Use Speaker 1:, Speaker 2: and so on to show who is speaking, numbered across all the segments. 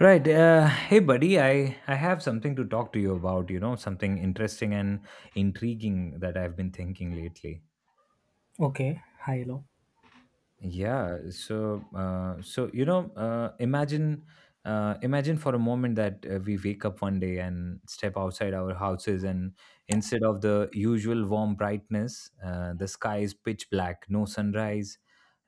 Speaker 1: Right. Hey, buddy, I have something to talk to you about, you know, something interesting and intriguing that I've been thinking lately.
Speaker 2: Okay. Hi, hello.
Speaker 1: Imagine, imagine for a moment that we wake up one day and step outside our houses, and instead of the usual warm brightness, the sky is pitch black. No sunrise,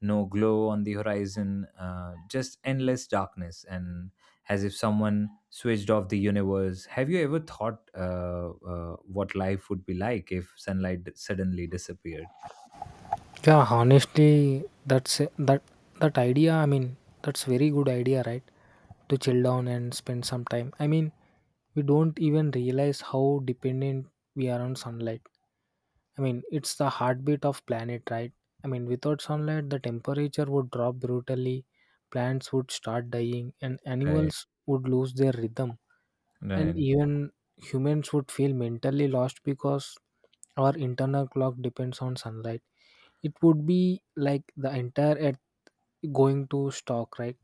Speaker 1: no glow on the horizon, just endless darkness, and as if someone switched off the universe. Have you ever thought what life would be like if sunlight suddenly disappeared?
Speaker 2: Yeah, honestly, that's that idea. I mean, that's very good idea, right? To chill down and spend some time. I mean, we don't even realize how dependent we are on sunlight. I mean, it's the heartbeat of planet, right? I mean, without sunlight, the temperature would drop brutally, plants would start dying, and
Speaker 1: Right.
Speaker 2: animals would lose their rhythm. And
Speaker 1: Right.
Speaker 2: even humans would feel mentally lost because our internal clock depends on sunlight. It would be like the entire earth going to stock, right?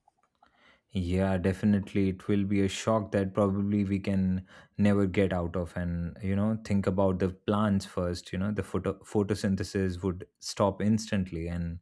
Speaker 1: Yeah, definitely. It will be a shock that probably we can never get out of. And, you know, think about the plants first. You know, the photosynthesis would stop instantly, and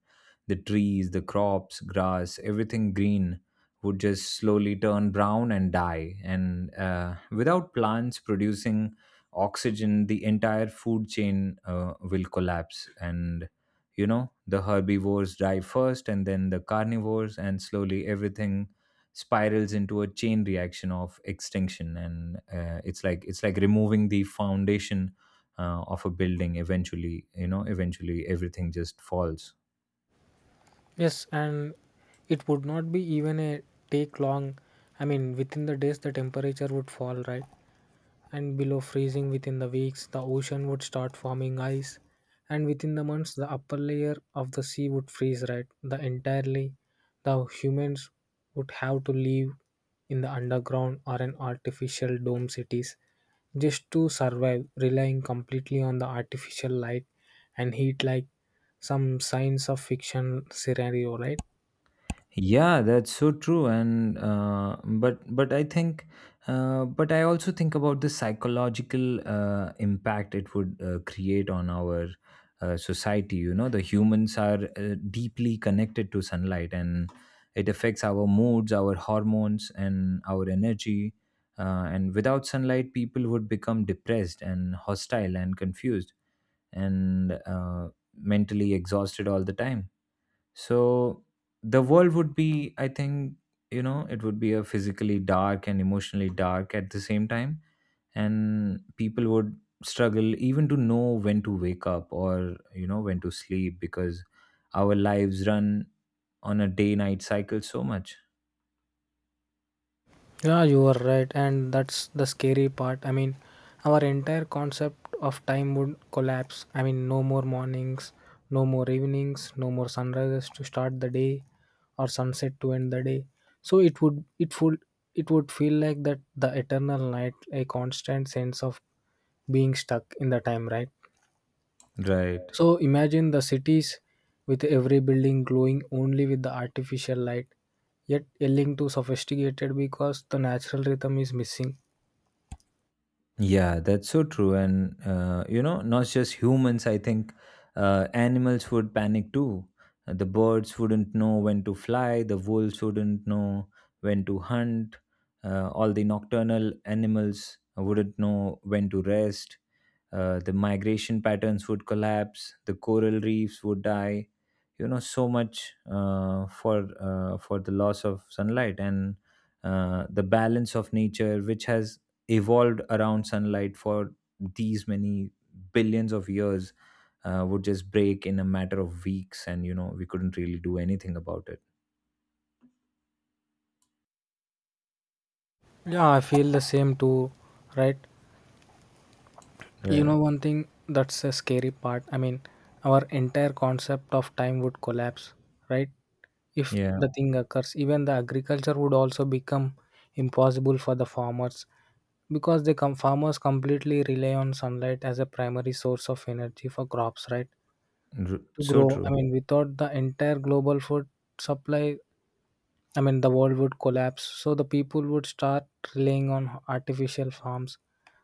Speaker 1: the trees, the crops, grass, everything green would just slowly turn brown and die. And without plants producing oxygen, the entire food chain will collapse. And, you know, the herbivores die first, and then the carnivores, and slowly everything spirals into a chain reaction of extinction. And it's like removing the foundation of a building. Eventually, you know, eventually everything just falls.
Speaker 2: Yes, and it would not be even a take long. I mean, within the days the temperature would fall, right, and below freezing. Within the weeks the ocean would start forming ice, and within the months the upper layer of the sea would freeze, right, the entirely. The humans would have to live in the underground or in artificial dome cities, just to survive, relying completely on the artificial light and heat, like some science of fiction scenario, right?
Speaker 1: Yeah, that's so true. And but I think, but I also think about the psychological impact it would create on our society. You know, the humans are deeply connected to sunlight, and it affects our moods, our hormones, and our energy. And without sunlight, people would become depressed and hostile and confused and mentally exhausted all the time. So the world would be, I think, you know, it would be a physically dark and emotionally dark at the same time. And people would struggle even to know when to wake up or, you know, when to sleep, because our lives run on a day night cycle so much.
Speaker 2: Yeah, you are right, and that's the scary part. I mean, our entire concept of time would collapse. I mean, no more mornings, no more evenings, no more sunrises to start the day, or sunset to end the day. So it would feel like that the eternal night, a constant sense of being stuck in the time, right?
Speaker 1: Right.
Speaker 2: So imagine the cities with every building glowing only with the artificial light, yet yelling too sophisticated because the natural rhythm is missing.
Speaker 1: Yeah, that's so true. And, you know, not just humans, I think animals would panic too. The birds wouldn't know when to fly, the wolves wouldn't know when to hunt, all the nocturnal animals wouldn't know when to rest, the migration patterns would collapse, the coral reefs would die. You know, so much for for the loss of sunlight, and the balance of nature, which has evolved around sunlight for these many billions of years, would just break in a matter of weeks, and you know we couldn't really do anything about it.
Speaker 2: Yeah, I feel the same too, right? You
Speaker 1: Right.
Speaker 2: know, one thing that's a scary part. I mean, our entire concept of time would collapse, right? If
Speaker 1: Yeah.
Speaker 2: the thing occurs, even the agriculture would also become impossible for the farmers because the farmers completely rely on sunlight as a primary source of energy for crops, right? To
Speaker 1: So
Speaker 2: grow. I
Speaker 1: true.
Speaker 2: mean, without the entire global food supply, I mean, the world would collapse. So the people would start relying on artificial farms,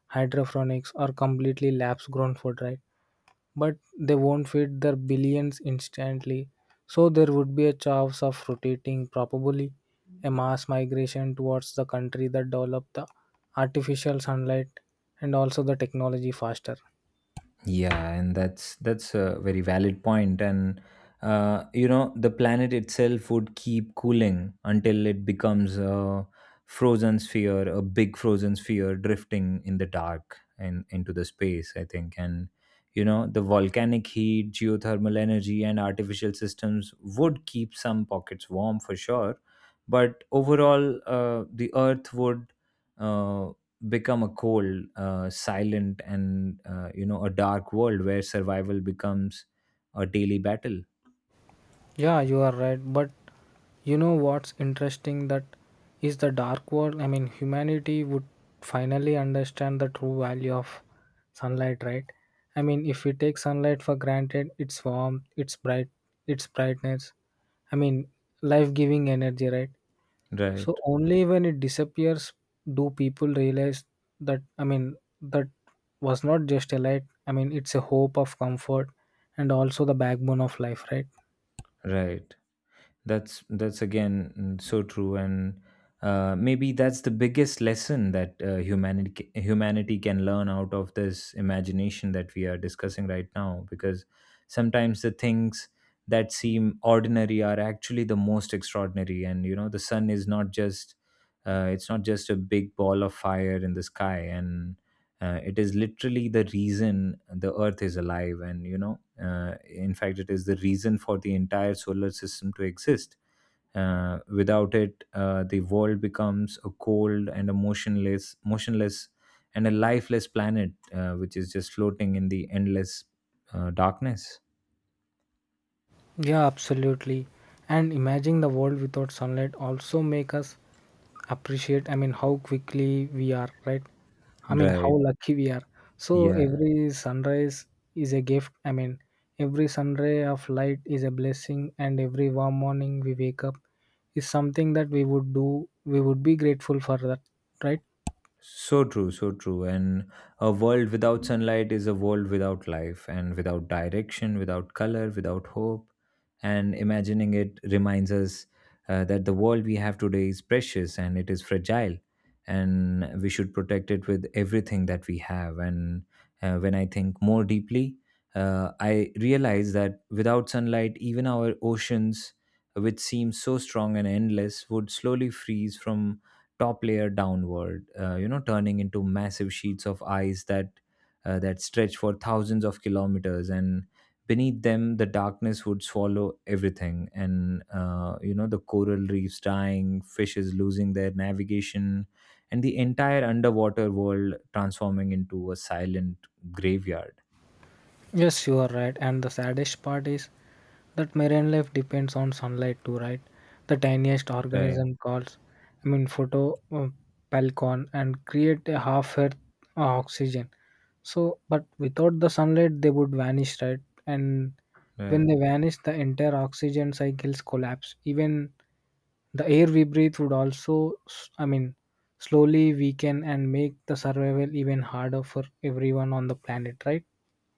Speaker 2: hydroponics, or completely labs grown food, right? But they won't feed their billions instantly. So there would be a chance of rotating, probably a mass migration towards the country that develop the artificial sunlight and also the technology faster.
Speaker 1: Yeah, and that's a very valid point. And you know, the planet itself would keep cooling until it becomes a frozen sphere, a big frozen sphere drifting in the dark and into the space, I think. And you know, the volcanic heat, geothermal energy, and artificial systems would keep some pockets warm for sure. But overall, the Earth would. Uh, become a cold, silent, and you know, a dark world where survival becomes a daily battle.
Speaker 2: Yeah, you are right. But you know what's interesting? That is the dark world. I mean, humanity would finally understand the true value of sunlight, right? I mean, if we take sunlight for granted, its warmth, its bright, its brightness. I mean, life-giving energy, right? So
Speaker 1: Right.
Speaker 2: only when it disappears do people realize that. I mean, that was not just a light. I mean, it's a hope of comfort and also the backbone of life, right?
Speaker 1: Right. That's again, so true. And maybe that's the biggest lesson that humanity can learn out of this imagination that we are discussing right now, because sometimes the things that seem ordinary are actually the most extraordinary. And you know, the sun is not just it's not just a big ball of fire in the sky, and it is literally the reason the earth is alive. And you know, in fact, it is the reason for the entire solar system to exist. Without it, the world becomes a cold and a motionless, and a lifeless planet, which is just floating in the endless darkness.
Speaker 2: Yeah, absolutely. And imagining the world without sunlight also make us appreciate, I mean, how quickly we are, right? I mean, how
Speaker 1: Right.
Speaker 2: lucky we are. So
Speaker 1: Yeah.
Speaker 2: every sunrise is a gift. I mean, every sunray of light is a blessing, and every warm morning we wake up is something that we would do, we would be grateful for that, right?
Speaker 1: So true, so true. And a world without sunlight is a world without life, and without direction, without color, without hope. And imagining it reminds us that the world we have today is precious and it is fragile, and we should protect it with everything that we have. And when I think more deeply, I realize that without sunlight, even our oceans, which seem so strong and endless, would slowly freeze from top layer downward, you know, turning into massive sheets of ice that that stretch for thousands of kilometers, and beneath them the darkness would swallow everything. And you know, the coral reefs dying, fishes losing their navigation, and the entire underwater world transforming into a silent graveyard.
Speaker 2: Yes, you are right. And the saddest part is that marine life depends on sunlight too, right? The tiniest
Speaker 1: Right,
Speaker 2: organism calls, I mean, photo palcon and create a half earth oxygen. So, but without the sunlight, they would vanish, right? And when
Speaker 1: right.
Speaker 2: they vanish, the entire oxygen cycles collapse. Even the air we breathe would also, I mean, slowly weaken and make the survival even harder for everyone on the planet, right?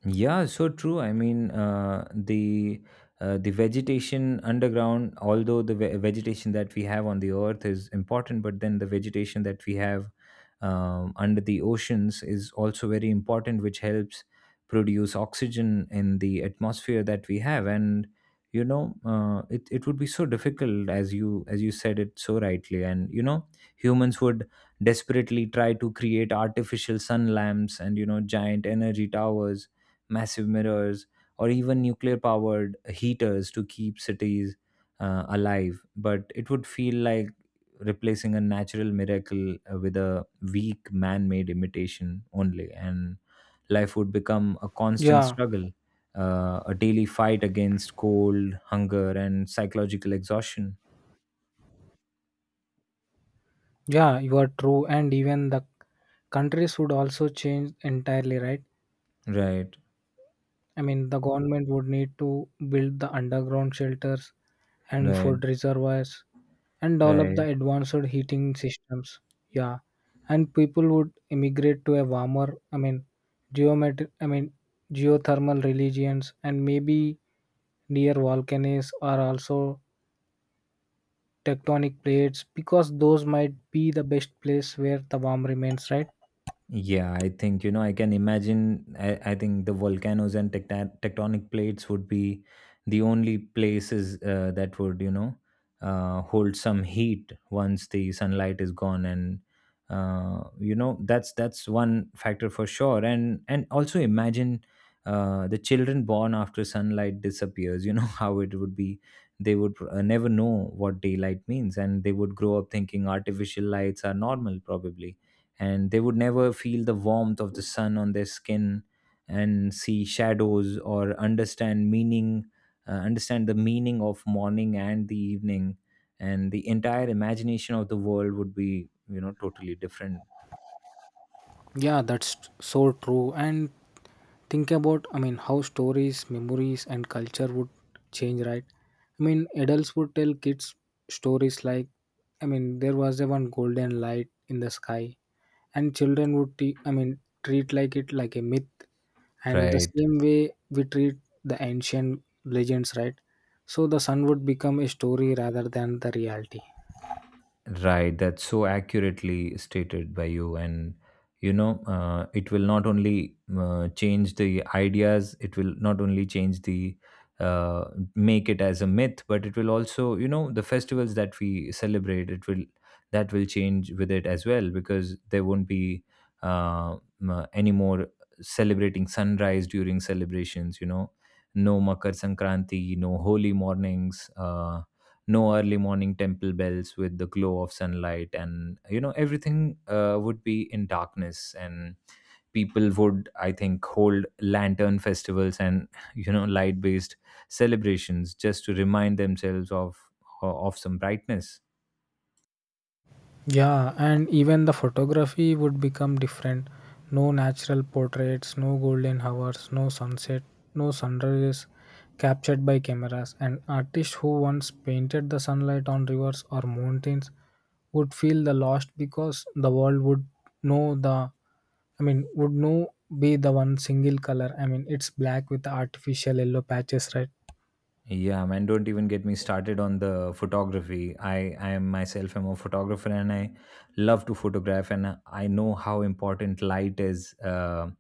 Speaker 1: Yeah, so true. I mean, the vegetation underground, although the vegetation that we have on the earth is important, but then the vegetation that we have under the oceans is also very important, which helps produce oxygen in the atmosphere that we have. And you know, it would be so difficult, as you said it so rightly. And you know, humans would desperately try to create artificial sun lamps, and you know, giant energy towers, massive mirrors, or even nuclear powered heaters to keep cities alive. But it would feel like replacing a natural miracle with a weak man made imitation only. And life would become a constant
Speaker 2: Yeah.
Speaker 1: struggle, a daily fight against cold, hunger, and psychological exhaustion.
Speaker 2: Yeah, you are true. And even the countries would also change entirely, right?
Speaker 1: Right,
Speaker 2: I mean, the government would need to build the underground shelters and
Speaker 1: right,
Speaker 2: food reservoirs and develop
Speaker 1: right.
Speaker 2: the advanced heating systems. Yeah. And people would immigrate to a warmer, I mean, I mean, geothermal religions and maybe near volcanoes or also tectonic plates because those might be the best place where the warm remains, right?
Speaker 1: Yeah, I think, you know, I can imagine. I think the volcanoes and tectonic plates would be the only places that would, you know, hold some heat once the sunlight is gone. And, you know, that's one factor for sure. and also imagine the children born after sunlight disappears, you know, how it would be. They would never know what daylight means, and they would grow up thinking artificial lights are normal, probably, and they would never feel the warmth of the sun on their skin and see shadows or understand meaning, understand the meaning of morning and the evening. And the entire imagination of the world would be, you know, totally different.
Speaker 2: Yeah, that's so true. And think about, I mean, how stories, memories, and culture would change, right? I mean, adults would tell kids stories like, I mean, there was a one golden light in the sky, and children would, I mean, treat like it like a myth, and the
Speaker 1: Right.
Speaker 2: same way we treat the ancient legends, right? So the sun would become a story rather than the reality.
Speaker 1: Right, that's so accurately stated by you. And you know, it will not only change the ideas, it will not only change the uh, make it as a myth, but it will also, you know, the festivals that we celebrate, it will that will change with it as well, because there won't be any more celebrating sunrise during celebrations. You know, no Makar Sankranti, no holy mornings. No early morning temple bells with the glow of sunlight, and you know, everything would be in darkness. And people would, I think, hold lantern festivals, and you know, light based celebrations just to remind themselves of some brightness.
Speaker 2: Yeah, and even the photography would become different. No natural portraits, no golden hours, no sunset, no sunrises captured by cameras. And artists who once painted the sunlight on rivers or mountains would feel the lost because the world would know the, I mean, would know be the one single color. I mean, it's black with artificial yellow patches, right?
Speaker 1: Yeah, man, don't even get me started on the photography. I am myself am a photographer, and I love to photograph, and I know how important light is uh,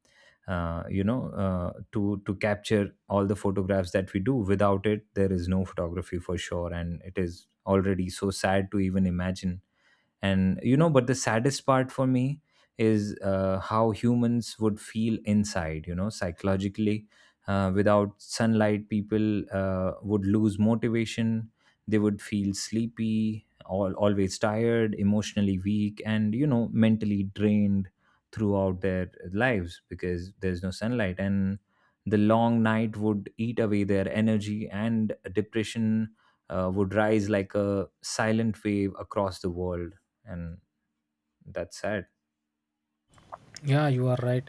Speaker 1: uh, you know, to capture all the photographs that we do. Without it, there is no photography for sure, and it is already so sad to even imagine. And you know, but the saddest part for me is how humans would feel inside, you know, psychologically. Without sunlight, people would lose motivation. They would feel always tired, emotionally weak, and you know, mentally drained throughout their lives because there's no sunlight, and the long night would eat away their energy, and depression would rise like a silent wave across the world. And that's sad.
Speaker 2: Yeah, you are right,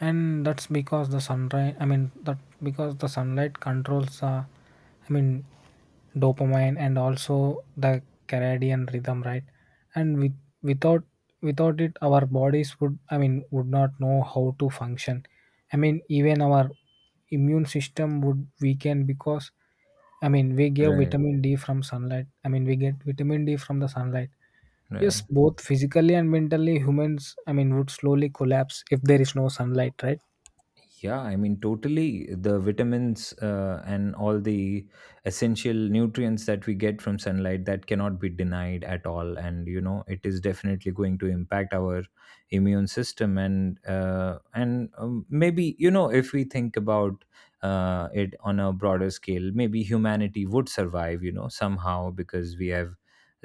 Speaker 2: and that's because the sunrise. I mean that because the sunlight controls. I mean, dopamine and also the circadian rhythm, right? And without without it, our bodies would. I mean, would not know how to function. I mean, even our immune system would weaken because I mean we give
Speaker 1: Right.
Speaker 2: vitamin D from sunlight. I mean we get vitamin D from the sunlight.
Speaker 1: Right.
Speaker 2: Yes, both physically and mentally, humans, I mean, would slowly collapse if there is no sunlight, right?
Speaker 1: Yeah, I mean, totally. The vitamins and all the essential nutrients that we get from sunlight, that cannot be denied at all. And you know, it is definitely going to impact our immune system. And maybe, you know, if we think about it on a broader scale, maybe humanity would survive, you know, somehow, because we have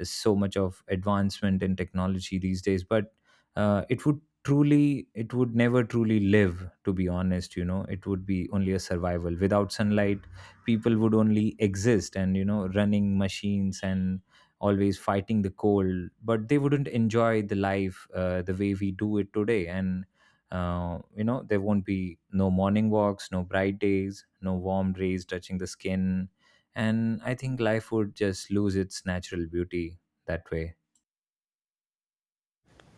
Speaker 1: so much of advancement in technology these days. But uh, it would it would never truly live, to be honest. You know, it would be only a survival. Without sunlight, people would only exist, and you know, running machines and always fighting the cold, but they wouldn't enjoy the life the way we do it today. And you know, there won't be no morning walks, no bright days, no warm rays touching the skin. And I think life would just lose its natural beauty that way.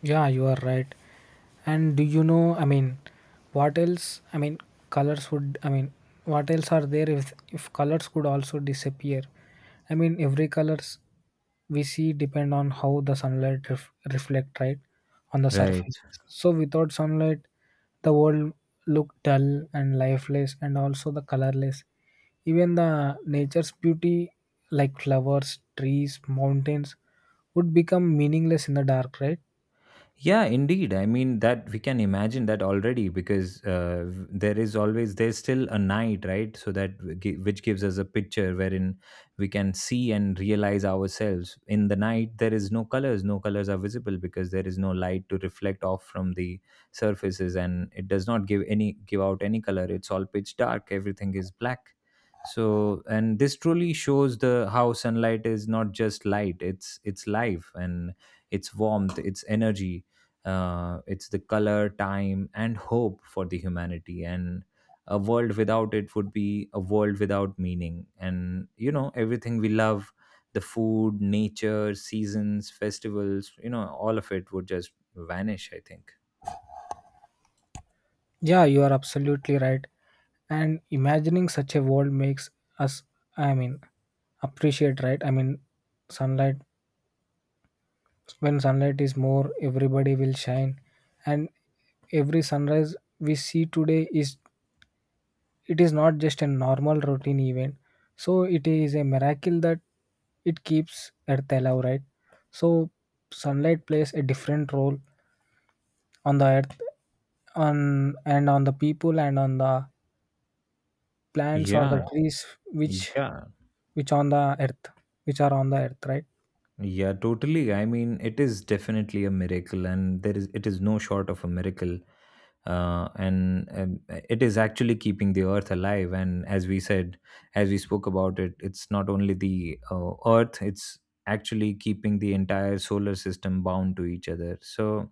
Speaker 2: Yeah, you are right. And do you know, I mean, what else? I mean, colors would, I mean, what else are there if, colors could also disappear? I mean, every colors we see depend on how the sunlight reflect, right, on the
Speaker 1: Right.
Speaker 2: surface. So without sunlight, the world look dull and lifeless and also the colorless. Even the nature's beauty like flowers, trees, mountains would become meaningless in the dark, right?
Speaker 1: Yeah, indeed. I mean, that we can imagine that already, because there is always there's still a night, right? So that which gives us a picture wherein we can see and realize ourselves. In the night, there is no colors. No colors are visible because there is no light to reflect off from the surfaces, and it does not give out any color. It's all pitch dark. Everything is black. So, and this truly shows the how sunlight is not just light. It's life and its warmth, its energy, it's the color, time, and hope for the humanity. And a world without it would be a world without meaning. And everything we love, the food, nature, seasons, festivals, all of it would just vanish, I think.
Speaker 2: Yeah, you are absolutely right. And imagining such a world makes us, I mean, appreciate, right? I mean, sunlight, when sunlight is more, everybody will shine. And every sunrise we see today is, it is not just a normal routine event. So it is a miracle that it keeps Earth alive, right? So sunlight plays a different role on the Earth on and on the people and on the plants or the
Speaker 1: Yeah,
Speaker 2: trees which
Speaker 1: yeah.
Speaker 2: which on the earth which are on the earth, right.
Speaker 1: Yeah, totally. I mean, it is definitely a miracle, and there is it is no short of a miracle, and it is actually keeping the Earth alive. And as we spoke about it, it's not only the Earth; it's actually keeping the entire solar system bound to each other. So,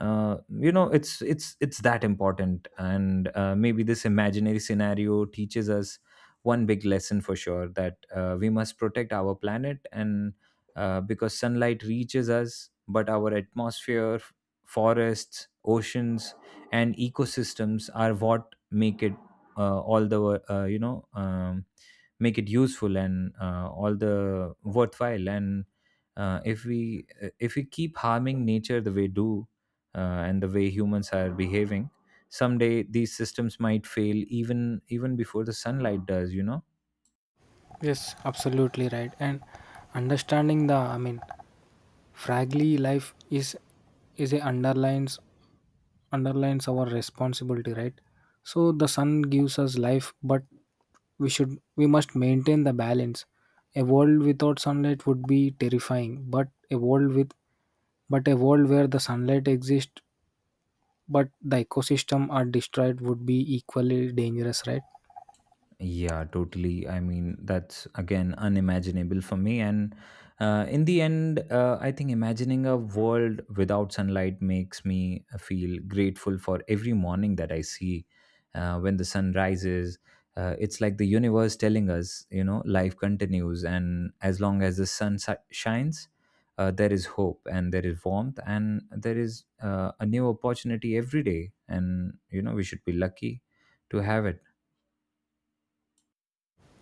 Speaker 1: it's that important, and maybe this imaginary scenario teaches us one big lesson for sure that we must protect our planet, and because sunlight reaches us, but our atmosphere, forests, oceans, and ecosystems are what make it all the wo- you know make it useful and, all the worthwhile. And if we keep harming nature the way do, and the way humans are behaving, someday these systems might fail even before the sunlight does. You know.
Speaker 2: Yes, absolutely right. And understanding the, I mean, fragile life is a underlines our responsibility, right? So the sun gives us life, but we must maintain the balance. A world without sunlight would be terrifying, but a world where the sunlight exists but the ecosystem are destroyed would be equally dangerous, right?
Speaker 1: Yeah, totally. I mean, that's again unimaginable for me. And in the end, I think imagining a world without sunlight makes me feel grateful for every morning that I see, when the sun rises. It's like the universe telling us, you know, life continues. And as long as the shines, there is hope and there is warmth and there is a new opportunity every day. And, you know, we should be lucky to have it.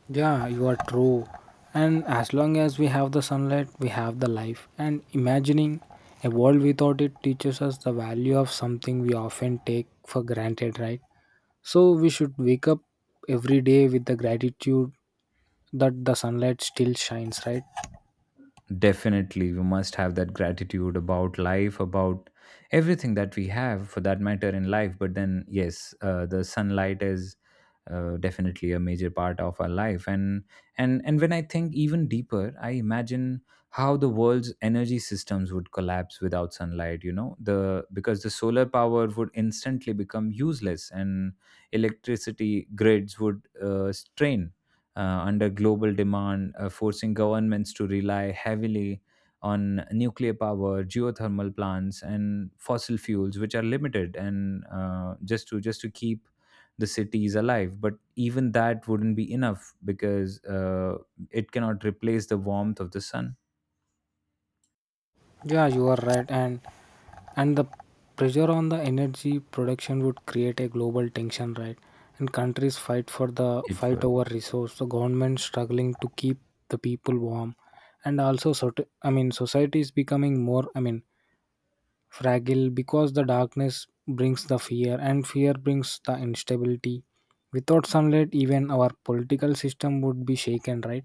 Speaker 2: Yeah, you are true. And as long as we have the sunlight, we have the life. And imagining a world without it teaches us the value of something we often take for granted, right? So we should wake up every day with the gratitude that the sunlight still shines, right?
Speaker 1: Definitely, we must have that gratitude about life, about everything that we have for that matter in life. But then, yes, the sunlight is definitely a major part of our life. And and when I think even deeper, I imagine how the world's energy systems would collapse without sunlight. You know, the because the solar power would instantly become useless, and electricity grids would strain under global demand, forcing governments to rely heavily on nuclear power, geothermal plants, and fossil fuels, which are limited, and just to keep the cities alive. But even that wouldn't be enough, because it cannot replace the warmth of the sun.
Speaker 2: Yeah, you are right, and the pressure on the energy production would create a global tension, right? And countries
Speaker 1: It
Speaker 2: fight
Speaker 1: would.
Speaker 2: over resource. The government struggling to keep the people warm, and also sort I mean society is becoming more I mean fragile because the darkness brings the fear, and fear brings the instability. Without sunlight, even our political system would be shaken, right?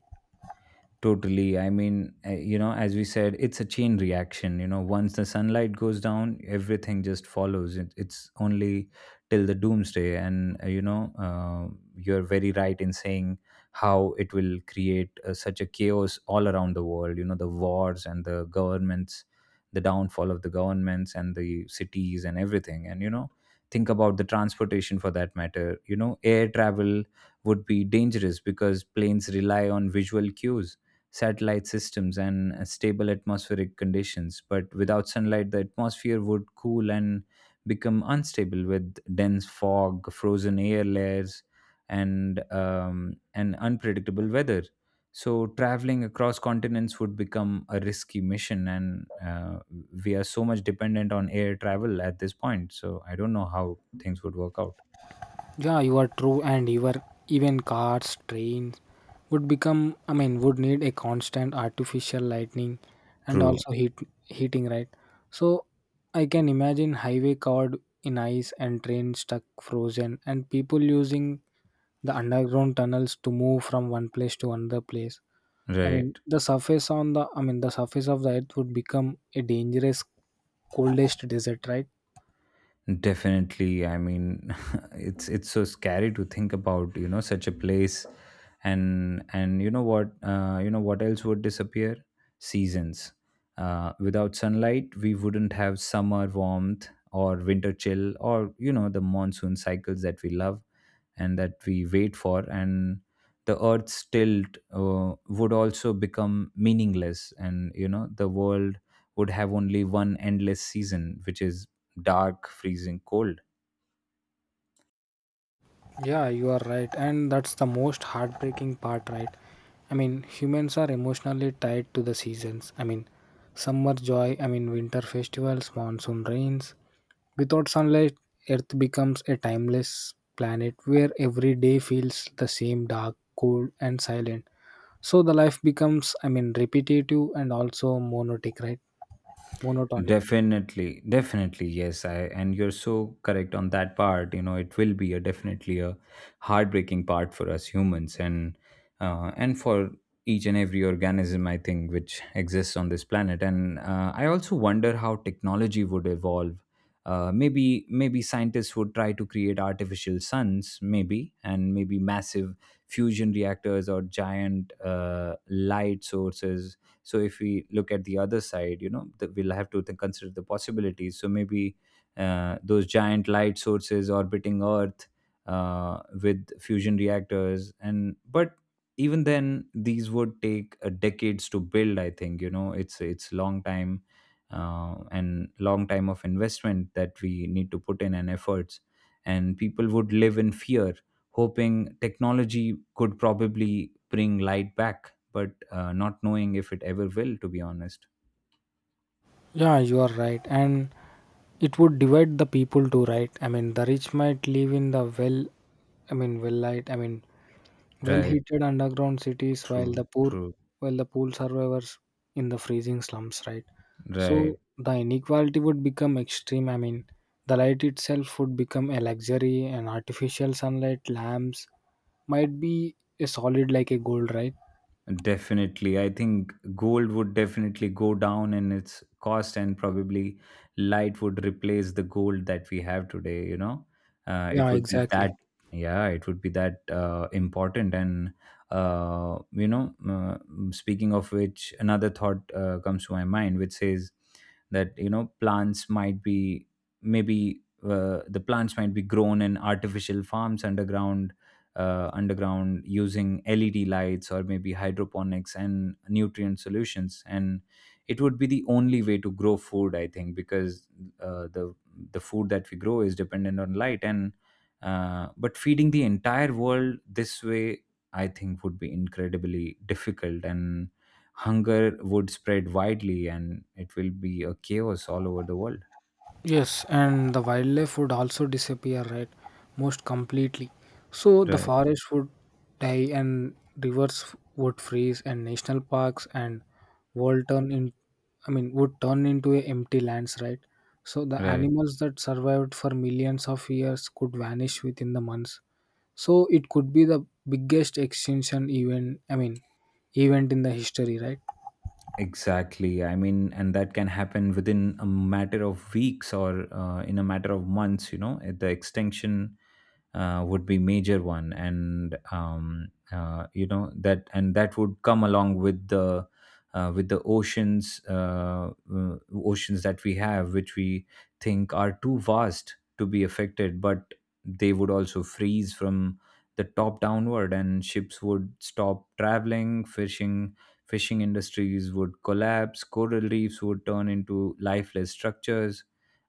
Speaker 1: Totally. I mean, as we said, it's a chain reaction. You know, once the sunlight goes down, everything just follows. It's only till the doomsday. And, you're very right in saying how it will create such a chaos all around the world. You know, the wars and the governments, the downfall of the governments and the cities and everything. And, you know, think about the transportation for that matter. You know, air travel would be dangerous because planes rely on visual cues, satellite systems, and stable atmospheric conditions. But without sunlight, the atmosphere would cool and become unstable with dense fog, frozen air layers, and unpredictable weather. So traveling across continents would become a risky mission, and we are so much dependent on air travel at this point. So I don't know how things would work out.
Speaker 2: Yeah, you are true, and your even cars, trains would become. I mean, would need a constant artificial lightning, and
Speaker 1: True,
Speaker 2: also heating, right? So I can imagine highway covered in ice and trains stuck frozen, and people using the underground tunnels to move from one place to another place. I mean,
Speaker 1: right?
Speaker 2: the surface on the I mean, the surface of the earth would become a dangerous, coldest desert, right?
Speaker 1: Definitely. I mean, it's so scary to think about, you know, such a place. And you know what You know what else would disappear? Seasons. Without sunlight, we wouldn't have summer warmth or winter chill, or you know, the monsoon cycles that we love and that we wait for. And the earth's tilt would also become meaningless, and you know, the world would have only one endless season, which is dark, freezing cold.
Speaker 2: Yeah, you are right. And that's the most heartbreaking part, right? I mean, humans are emotionally tied to the seasons. I mean, summer joy, I mean, winter festivals, monsoon rains. Without sunlight, Earth becomes a timeless planet where every day feels the same dark, cold, and silent. So the life becomes, I mean, repetitive and also monotonic, right? Monotonic.
Speaker 1: Definitely, definitely, yes. I and you're so correct on that part. You know, it will be a definitely a heartbreaking part for us humans, and for each and every organism, I think, which exists on this planet. And I also wonder how technology would evolve. Maybe scientists would try to create artificial suns, maybe, and maybe massive fusion reactors or giant light sources. So if we look at the other side, you know, we'll have to then consider the possibilities. So maybe those giant light sources orbiting earth with fusion reactors. And but even then, these would take decades to build, I think. You know, it's long time, and long time of investment that we need to put in and efforts. And people would live in fear, hoping technology could probably bring light back, but not knowing if it ever will, to be honest.
Speaker 2: Yeah, you are right. And it would divide the people too, right? I mean, the rich might live in the, well, I mean, well light, I mean, well
Speaker 1: Right.
Speaker 2: heated underground cities, while
Speaker 1: True.
Speaker 2: the poor
Speaker 1: True.
Speaker 2: while the poor survivors in the freezing slums, right? So
Speaker 1: Right.
Speaker 2: the inequality would become extreme. I mean, the light itself would become a luxury, and artificial sunlight lamps might be a solid like a gold, right?
Speaker 1: Definitely. I think gold would definitely go down in its cost, and probably light would replace the gold that we have today. You know, it
Speaker 2: Yeah,
Speaker 1: would be that,
Speaker 2: exactly.
Speaker 1: yeah, it would be that important. And, uh, you know, uh, speaking of which, another thought comes to my mind, which says that, you know, plants might be maybe. The plants might be grown in artificial farms underground using LED lights, or maybe hydroponics and nutrient solutions. And it would be the only way to grow food, I think, because uh, the the food that we grow is dependent on light. And but feeding the entire world this way, I think, would be incredibly difficult, and hunger would spread widely, and it will be a chaos all over the world.
Speaker 2: Yes, and the wildlife would also disappear, right? Most completely. So the
Speaker 1: Right.
Speaker 2: forest would die and rivers would freeze, and national parks and world turn in, I mean, would turn into a empty lands, right? So the
Speaker 1: Right.
Speaker 2: animals that survived for millions of years could vanish within the months. So it could be the biggest extinction event, I mean, event in the history, right?
Speaker 1: Exactly. I mean, and that can happen within a matter of weeks or in a matter of months, you know, at the extinction would be major one. And you know That and that would come along with the oceans, oceans that we have, which we think are too vast to be affected, but they would also freeze from the top downward, and ships would stop traveling. Fishing industries would collapse. Coral reefs would turn into lifeless structures,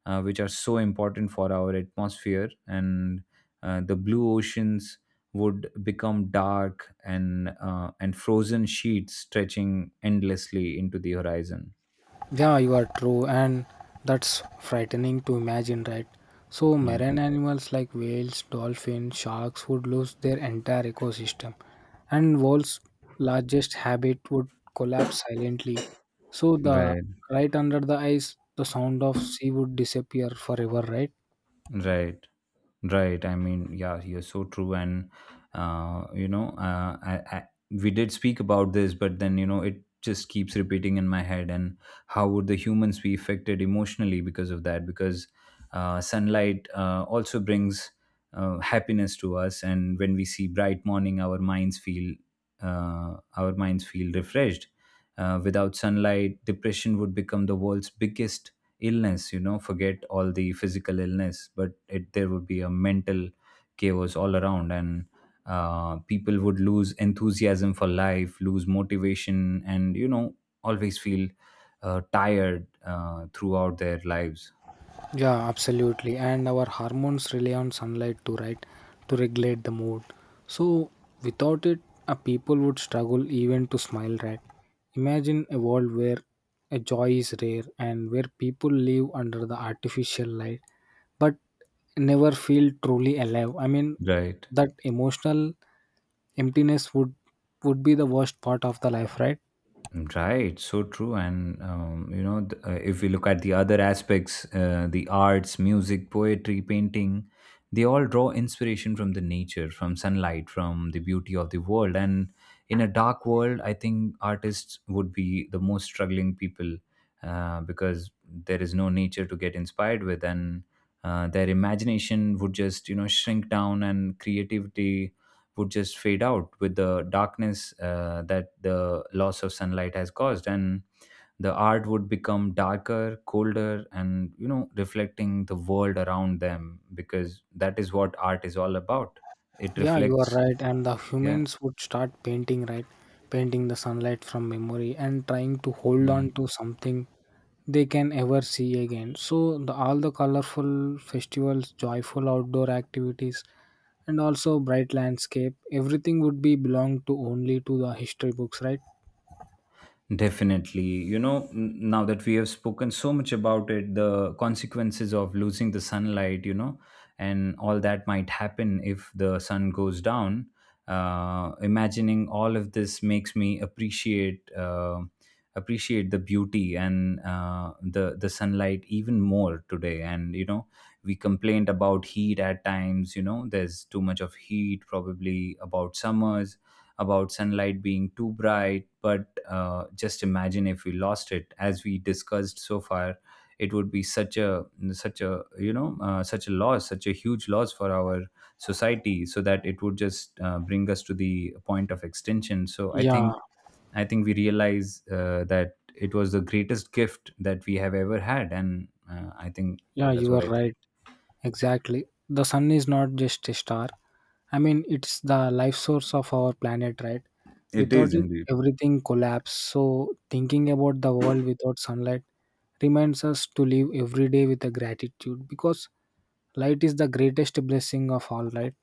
Speaker 1: which are so important for our atmosphere. And the blue oceans would become dark, and frozen sheets stretching endlessly into the horizon.
Speaker 2: Yeah, you are true, and that's frightening to imagine, right? So,
Speaker 1: Yeah,
Speaker 2: marine animals like whales, dolphins, sharks would lose their entire ecosystem, and world's largest habit would collapse silently. So, the
Speaker 1: right,
Speaker 2: right under the ice, the sound of sea would disappear forever, right?
Speaker 1: right. Right. I mean, yeah, you're so true. And, uh, you know, uh, I, I, we did speak about this, but then, you know, it just keeps repeating in my head. And how would the humans be affected emotionally because of that? Because sunlight also brings happiness to us. And when we see bright morning, our minds feel refreshed. Without sunlight, depression would become the world's biggest illness. You know, forget all the physical illness, but it there would be a mental chaos all around. And people would lose enthusiasm for life, lose motivation, and you know, always feel tired throughout their lives.
Speaker 2: Yeah, absolutely. And our hormones rely on sunlight to, right, to regulate the mood. So without it, a people would struggle even to smile, right? Imagine a world where a joy is rare and where people live under the artificial light but never feel truly alive. I mean
Speaker 1: Right.
Speaker 2: that emotional emptiness would be the worst part of the life, right?
Speaker 1: Right, so true. And, if we look at the other aspects, the arts, music, poetry, painting, they all draw inspiration from the nature, from sunlight, from the beauty of the world. And in a dark world, I think artists would be the most struggling people, because there is no nature to get inspired with. And their imagination would just, you know, shrink down, and creativity would just fade out with the darkness that the loss of sunlight has caused. And the art would become darker, colder, and you know, reflecting the world around them, because that is what art is all about. It
Speaker 2: Yeah, you are
Speaker 1: reflects.
Speaker 2: right. And the
Speaker 1: Yeah,
Speaker 2: humans would start painting, right? Painting the sunlight from memory and trying to hold
Speaker 1: yeah.
Speaker 2: on to something they can ever see again. So, all the colorful festivals, joyful outdoor activities, and also bright landscape, everything would be belong to only to the history books, right?
Speaker 1: Definitely. You know, now that we have spoken so much about it, the consequences of losing the sunlight, you know, and all that might happen if the sun goes down. Imagining all of this makes me appreciate appreciate the beauty and the sunlight even more today. And you know, we complained about heat at times. You know, there's too much of heat, probably about summers, about sunlight being too bright, but just imagine if we lost it. As we discussed so far, it would be such a such a loss, such a huge loss for our society. So that it would just bring us to the point of extinction.
Speaker 2: Yeah,
Speaker 1: I think we realize that it was the greatest gift that we have ever had, and I think
Speaker 2: yeah,
Speaker 1: that's
Speaker 2: you
Speaker 1: what
Speaker 2: are
Speaker 1: I think.
Speaker 2: right. Exactly. The sun is not just a star. I mean, it's the life source of our planet, right?
Speaker 1: It
Speaker 2: Without
Speaker 1: is
Speaker 2: it,
Speaker 1: indeed.
Speaker 2: everything collapses. So, thinking about the world without sunlight reminds us to live every day with a gratitude because light is the greatest blessing of all, right?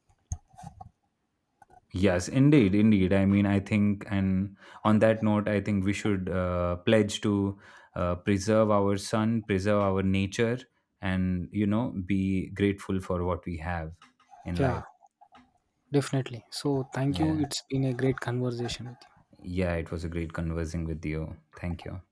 Speaker 1: Yes, indeed, indeed. I mean, I think, and on that note, I think we should pledge to preserve our sun, preserve our nature, and, you know, be grateful for what we have in
Speaker 2: Yeah,
Speaker 1: life.
Speaker 2: definitely. So, thank you.
Speaker 1: Yeah.
Speaker 2: It's been a great conversation with you.
Speaker 1: Yeah, it was a great conversing with you. Thank you.